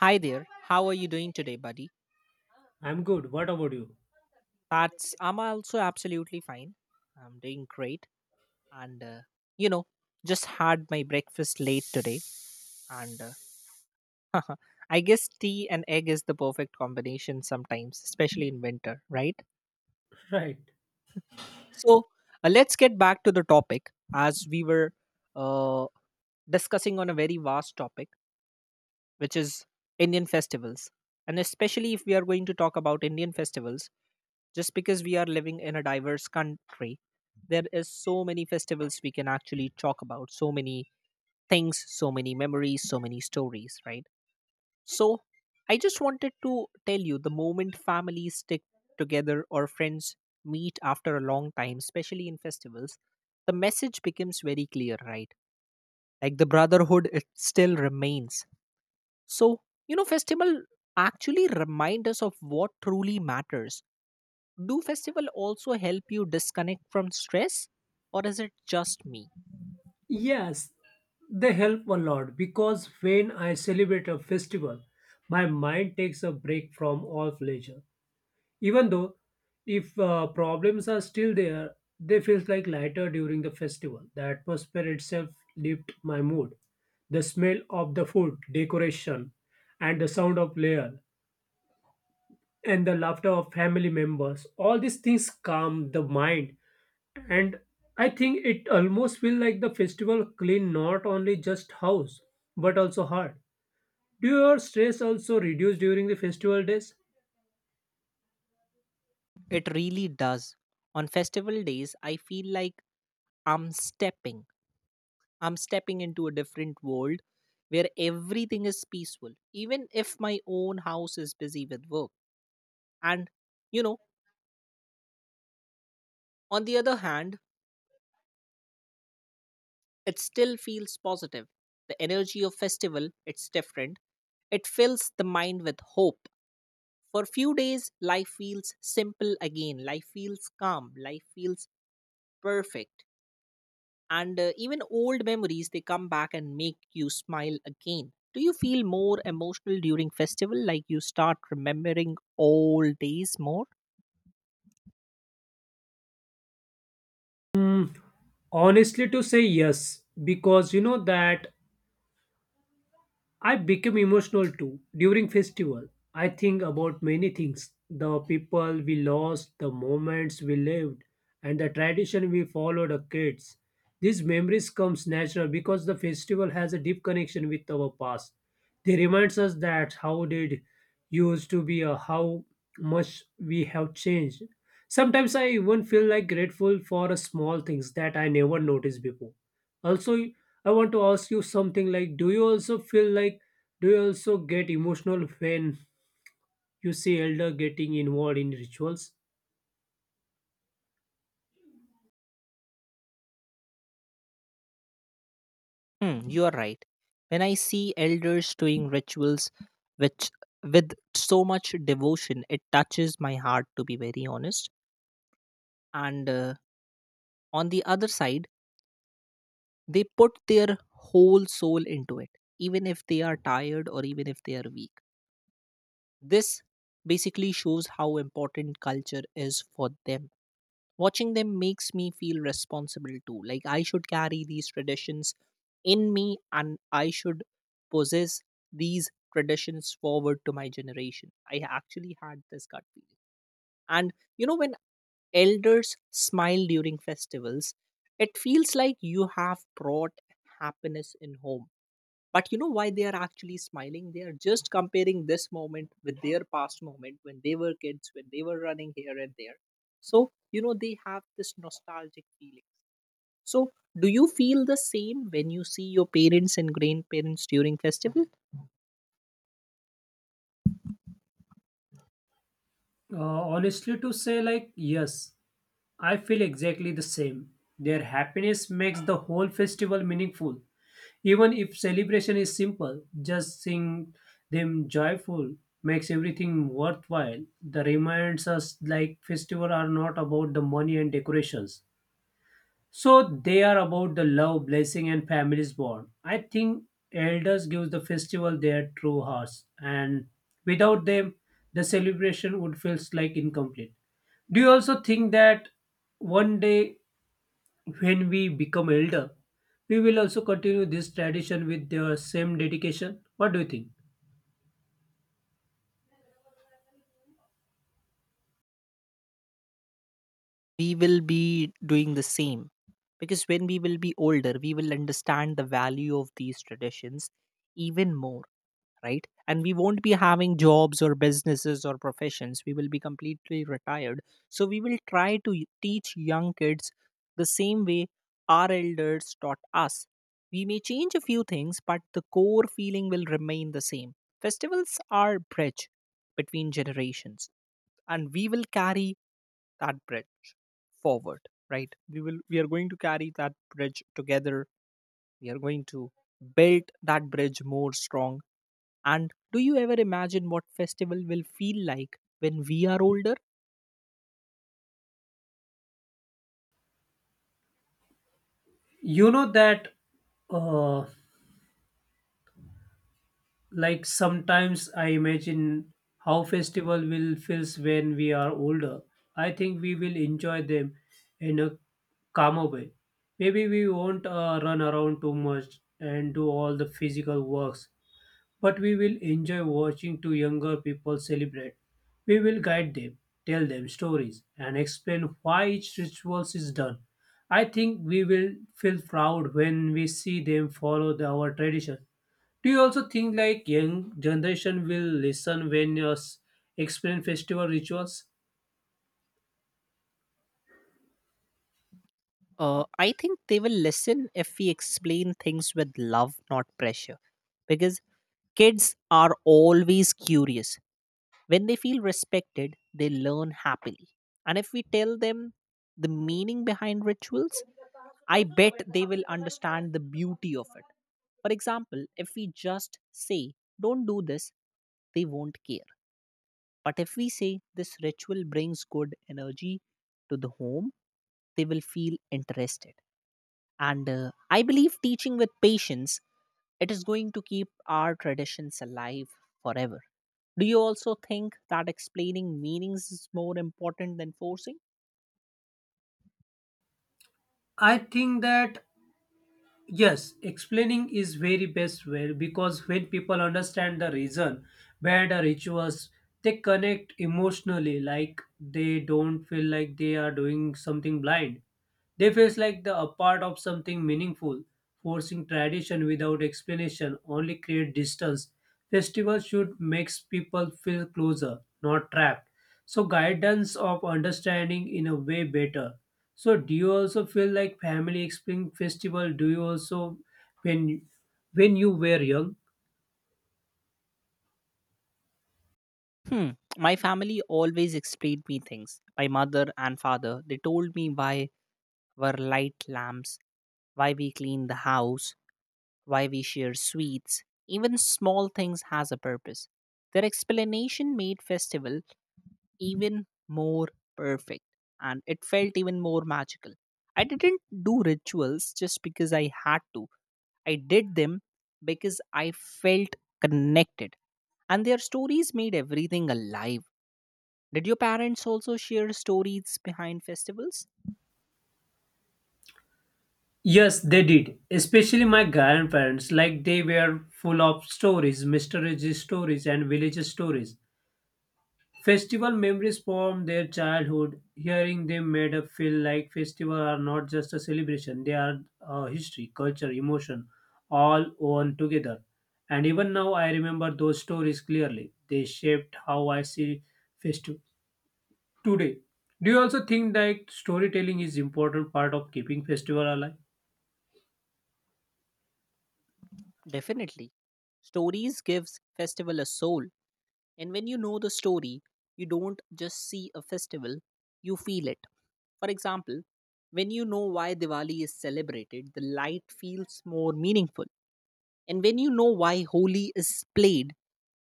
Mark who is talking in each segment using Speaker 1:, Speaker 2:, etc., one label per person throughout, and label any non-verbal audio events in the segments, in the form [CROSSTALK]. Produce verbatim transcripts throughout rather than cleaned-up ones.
Speaker 1: Hi there. How are you doing today, buddy?
Speaker 2: I'm good. What about you?
Speaker 1: That's I'm also absolutely fine. I'm doing great, and uh, you know, just had my breakfast late today, and uh, [LAUGHS] I guess tea and egg is the perfect combination sometimes, especially in winter, right?
Speaker 2: [LAUGHS] Right.
Speaker 1: So uh, let's get back to the topic as we were uh, discussing on a very vast topic, which is Indian festivals, and especially if we are going to talk about Indian festivals just because we are living in a diverse country, there is so many festivals we can actually talk about, so many things, so many memories, so many stories, right? So I just wanted to tell you, the moment families stick together or friends meet after a long time, especially in festivals, the message becomes very clear, right? Like the brotherhood, it still remains. So you know festival actually remind us of what truly matters. Do festival also help you disconnect from stress, or is it just me?
Speaker 2: Yes, they help a lot because when I celebrate a festival, my mind takes a break from all pleasure. Even though if uh, problems are still there, they feel like lighter during the festival. The atmosphere itself lifts my mood. The smell of the food, decoration, and the sound of layer, and the laughter of family members, all these things calm the mind, and I think it almost feel like the festival clean not only just house but also heart. Do your stress also reduce during the festival days?
Speaker 1: It really does. On festival days, I feel like i'm stepping i'm stepping into a different world where everything is peaceful, even if my own house is busy with work. And you know on the other hand, it still feels positive. The energy of festival, it's different. It fills the mind with hope. For few days, life feels simple again. Life feels calm. Life feels perfect. And uh, Even old memories, they come back and make you smile again. Do you feel more emotional during festival? Like you start remembering old days more?
Speaker 2: Honestly to say, yes, because you know that I become emotional too during festival. I think about many things, the people we lost, the moments we lived, and the tradition we followed as kids. These memories comes natural because the festival has a deep connection with our past. They reminds us that how did used to be or how much we have changed. Sometimes I even feel like grateful for a small things that I never noticed before. Also, I want to ask you something, like, do you also feel like, do you also get emotional when you see elder getting involved in rituals?
Speaker 1: Hmm, you are right. When I see elders doing rituals which with so much devotion, it touches my heart to be very honest. And uh, On the other side, they put their whole soul into it, even if they are tired or even if they are weak. This basically shows how important culture is for them. Watching them makes me feel responsible too. Like I should carry these traditions in me, and I should possess these traditions forward to my generation. I actually had this gut feeling. And you know, when elders smile during festivals, it feels like you have brought happiness in home. But you know why they are actually smiling? They are just comparing this moment with their past moment, when they were kids, when they were running here and there. So you know they have this nostalgic feeling. So do you feel the same when you see your parents and grandparents during festival?
Speaker 2: Uh, honestly, to say, like, yes, I feel exactly the same. Their happiness makes the whole festival meaningful. Even if celebration is simple, just seeing them joyful makes everything worthwhile. The reminds us like festival are not about the money and decorations. So they are about the love, blessing, and families bond. I think elders give the festival their true hearts, and without them, the celebration would feel like incomplete. Do you also think that one day when we become elder, we will also continue this tradition with the same dedication? What do you think?
Speaker 1: We will be doing the same, because when we will be older, we will understand the value of these traditions even more, right? And we won't be having jobs or businesses or professions, we will be completely retired. So we will try to y- teach young kids the same way our elders taught us. We may change a few things, but the core feeling will remain the same. Festivals are bridge between generations, and we will carry that bridge forward. Right, we will we are going to carry that bridge together. We are going to build that bridge more strong. And do you ever imagine what festival will feel like when we are older?
Speaker 2: You know that uh, Like sometimes I imagine how festival will feels when we are older. I think we will enjoy them in a calmer way. Maybe we won't uh, run around too much and do all the physical works, but we will enjoy watching to younger people celebrate. We will guide them, tell them stories, and explain why each ritual is done. I think we will feel proud when we see them follow the- our tradition. Do you also think like young generation will listen when you s- explain festival rituals?
Speaker 1: Uh, I think they will listen if we explain things with love, not pressure. Because kids are always curious. When they feel respected, they learn happily. And if we tell them the meaning behind rituals, I bet they will understand the beauty of it. For example, if we just say, don't do this, they won't care. But if we say this ritual brings good energy to the home, they will feel interested. And uh, I believe teaching with patience, it is going to keep our traditions alive forever. Do you also think that explaining meanings is more important than forcing?
Speaker 2: I think that, yes, explaining is very best way because when people understand the reason behind the rituals, they connect emotionally, like they don't feel like they are doing something blind. They feel like the a part of something meaningful. Forcing tradition without explanation only create distance. Festivals should make people feel closer, not trapped. So guidance of understanding in a way better. So do you also feel like family spring festival? Do you also when when you were young?
Speaker 1: Hmm. My family always explained me things. My mother and father, they told me why were light lamps, why we clean the house, why we share sweets, even small things has a purpose. Their explanation made festival even more perfect, and it felt even more magical. I didn't do rituals just because I had to. I did them because I felt connected, and their stories made everything alive. Did your parents also share stories behind festivals?
Speaker 2: Yes, they did. Especially my grandparents, like they were full of stories, mysterious stories and village stories. Festival memories from their childhood, hearing them made us feel like festival are not just a celebration, they are uh, history, culture, emotion, all woven together. And even now I remember those stories clearly. They shaped how I see festival today. Do you also think that storytelling is important part of keeping festival alive?
Speaker 1: Definitely. Stories gives festival a soul. And when you know the story, you don't just see a festival, you feel it. For example, when you know why Diwali is celebrated, the light feels more meaningful. And when you know why Holi is played,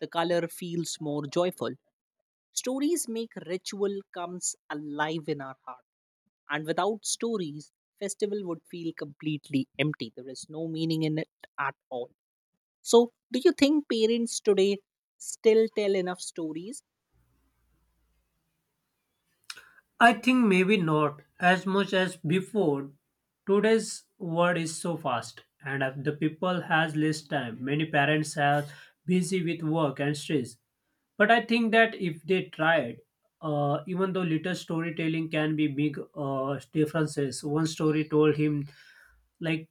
Speaker 1: the color feels more joyful. Stories make ritual comes alive in our heart. And without stories, festival would feel completely empty. There is no meaning in it at all. So, do you think parents today still tell enough stories?
Speaker 2: I think maybe not as much as before. Today's world is so fast and if the people has less time. Many parents are busy with work and stress. But I think that if they tried, uh, even though little storytelling can be big uh, differences. One story told him like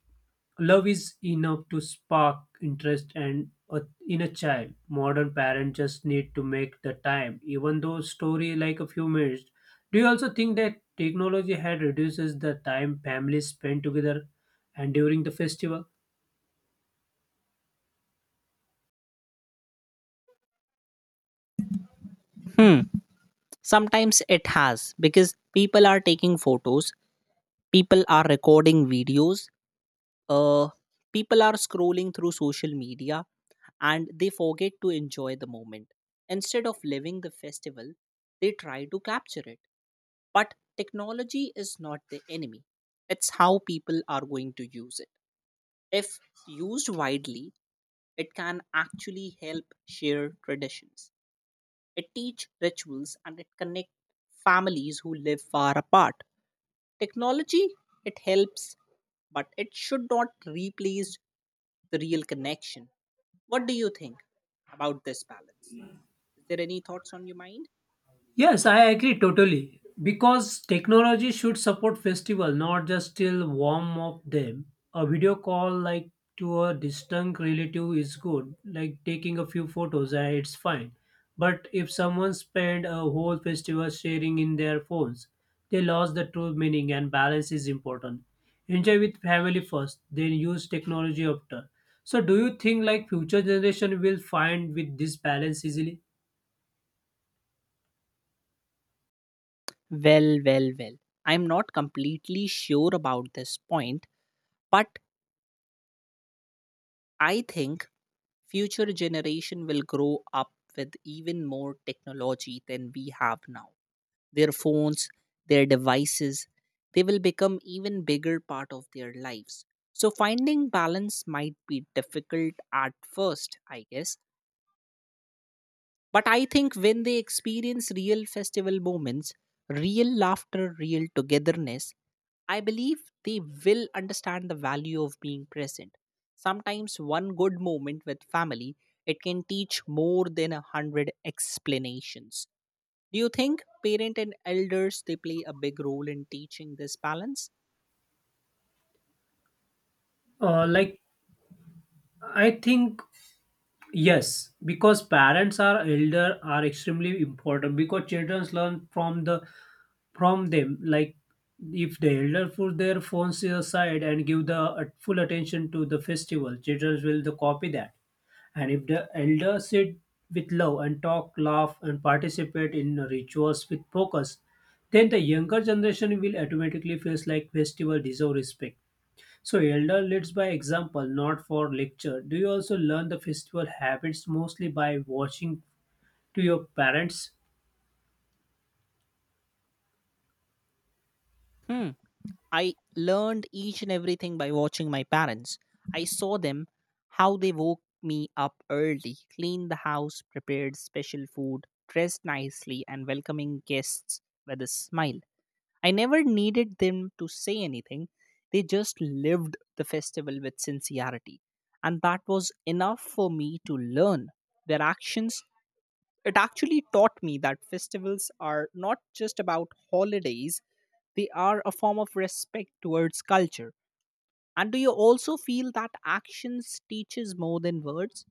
Speaker 2: love is enough to spark interest and a, in a child. Modern parents just need to make the time, even though story like a few minutes. Do you also think that technology had reduces the time families spend together and during the festival?
Speaker 1: Hmm. Sometimes it has, because people are taking photos, people are recording videos, uh, people are scrolling through social media, and they forget to enjoy the moment. Instead of living the festival, they try to capture it. But technology is not the enemy, it's how people are going to use it. If used widely, it can actually help share traditions. It teach rituals and it connect families who live far apart. Technology, it helps, but it should not replace the real connection. What do you think about this balance? Is there any thoughts on your mind?
Speaker 2: Yes, I agree totally. Because technology should support festival, not just still warm up them. A video call, like, to a distant relative is good, like taking a few photos, eh, it's fine. But if someone spent a whole festival sharing in their phones, they lost the true meaning and balance is important. Enjoy with family first, then use technology after. So do you think like future generation will find with this balance easily?
Speaker 1: Well, well, well. I'm not completely sure about this point, but I think future generation will grow up with even more technology than we have now. Their phones, their devices, they will become even bigger part of their lives. So finding balance might be difficult at first, I guess, but I think when they experience real festival moments, real laughter, real togetherness, I believe they will understand the value of being present. Sometimes one good moment with family, it can teach more than a hundred explanations. Do you think parent and elders they play a big role in teaching this balance?
Speaker 2: Uh, like I think, yes, because parents are elder are extremely important because children learn from the from them. Like if the elder put their phones aside and give the uh, full attention to the festival, children will the copy that. And if the elder sit with love and talk, laugh, and participate in rituals with focus, then the younger generation will automatically feels like festival deserve respect. So elder leads by example, not for lecture. Do you also learn the festival habits mostly by watching to your parents?
Speaker 1: Hmm. I learned each and everything by watching my parents. I saw them how they woke me up early, cleaned the house, prepared special food, dressed nicely, and welcoming guests with a smile. I never needed them to say anything. They just lived the festival with sincerity. And that was enough for me to learn. Their actions, it actually taught me that festivals are not just about holidays, they are a form of respect towards culture. And do you also feel that actions teaches more than words?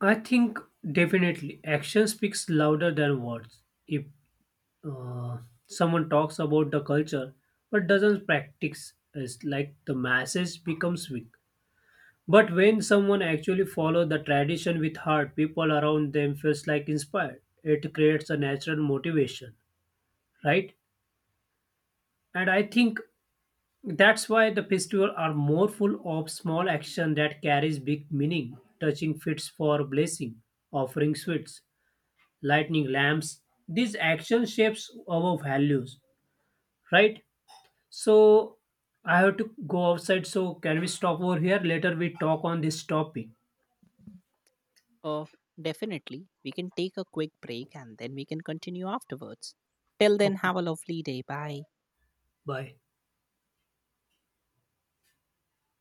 Speaker 2: I think definitely action speaks louder than words. If uh, someone talks about the culture but doesn't practice, it's like the message becomes weak. But when someone actually follows the tradition with heart, people around them feels like inspired. It creates a natural motivation, right? And I think that's why the festivals are more full of small action that carries big meaning, touching fits for blessing, offering sweets, lighting lamps. These action shapes our values, right? So I have to go outside. So can we stop over here? Later we talk on this topic.
Speaker 1: Uh, Definitely. We can take a quick break and then we can continue afterwards. Till then,
Speaker 2: Okay,
Speaker 1: have a lovely day. Bye.
Speaker 2: bye.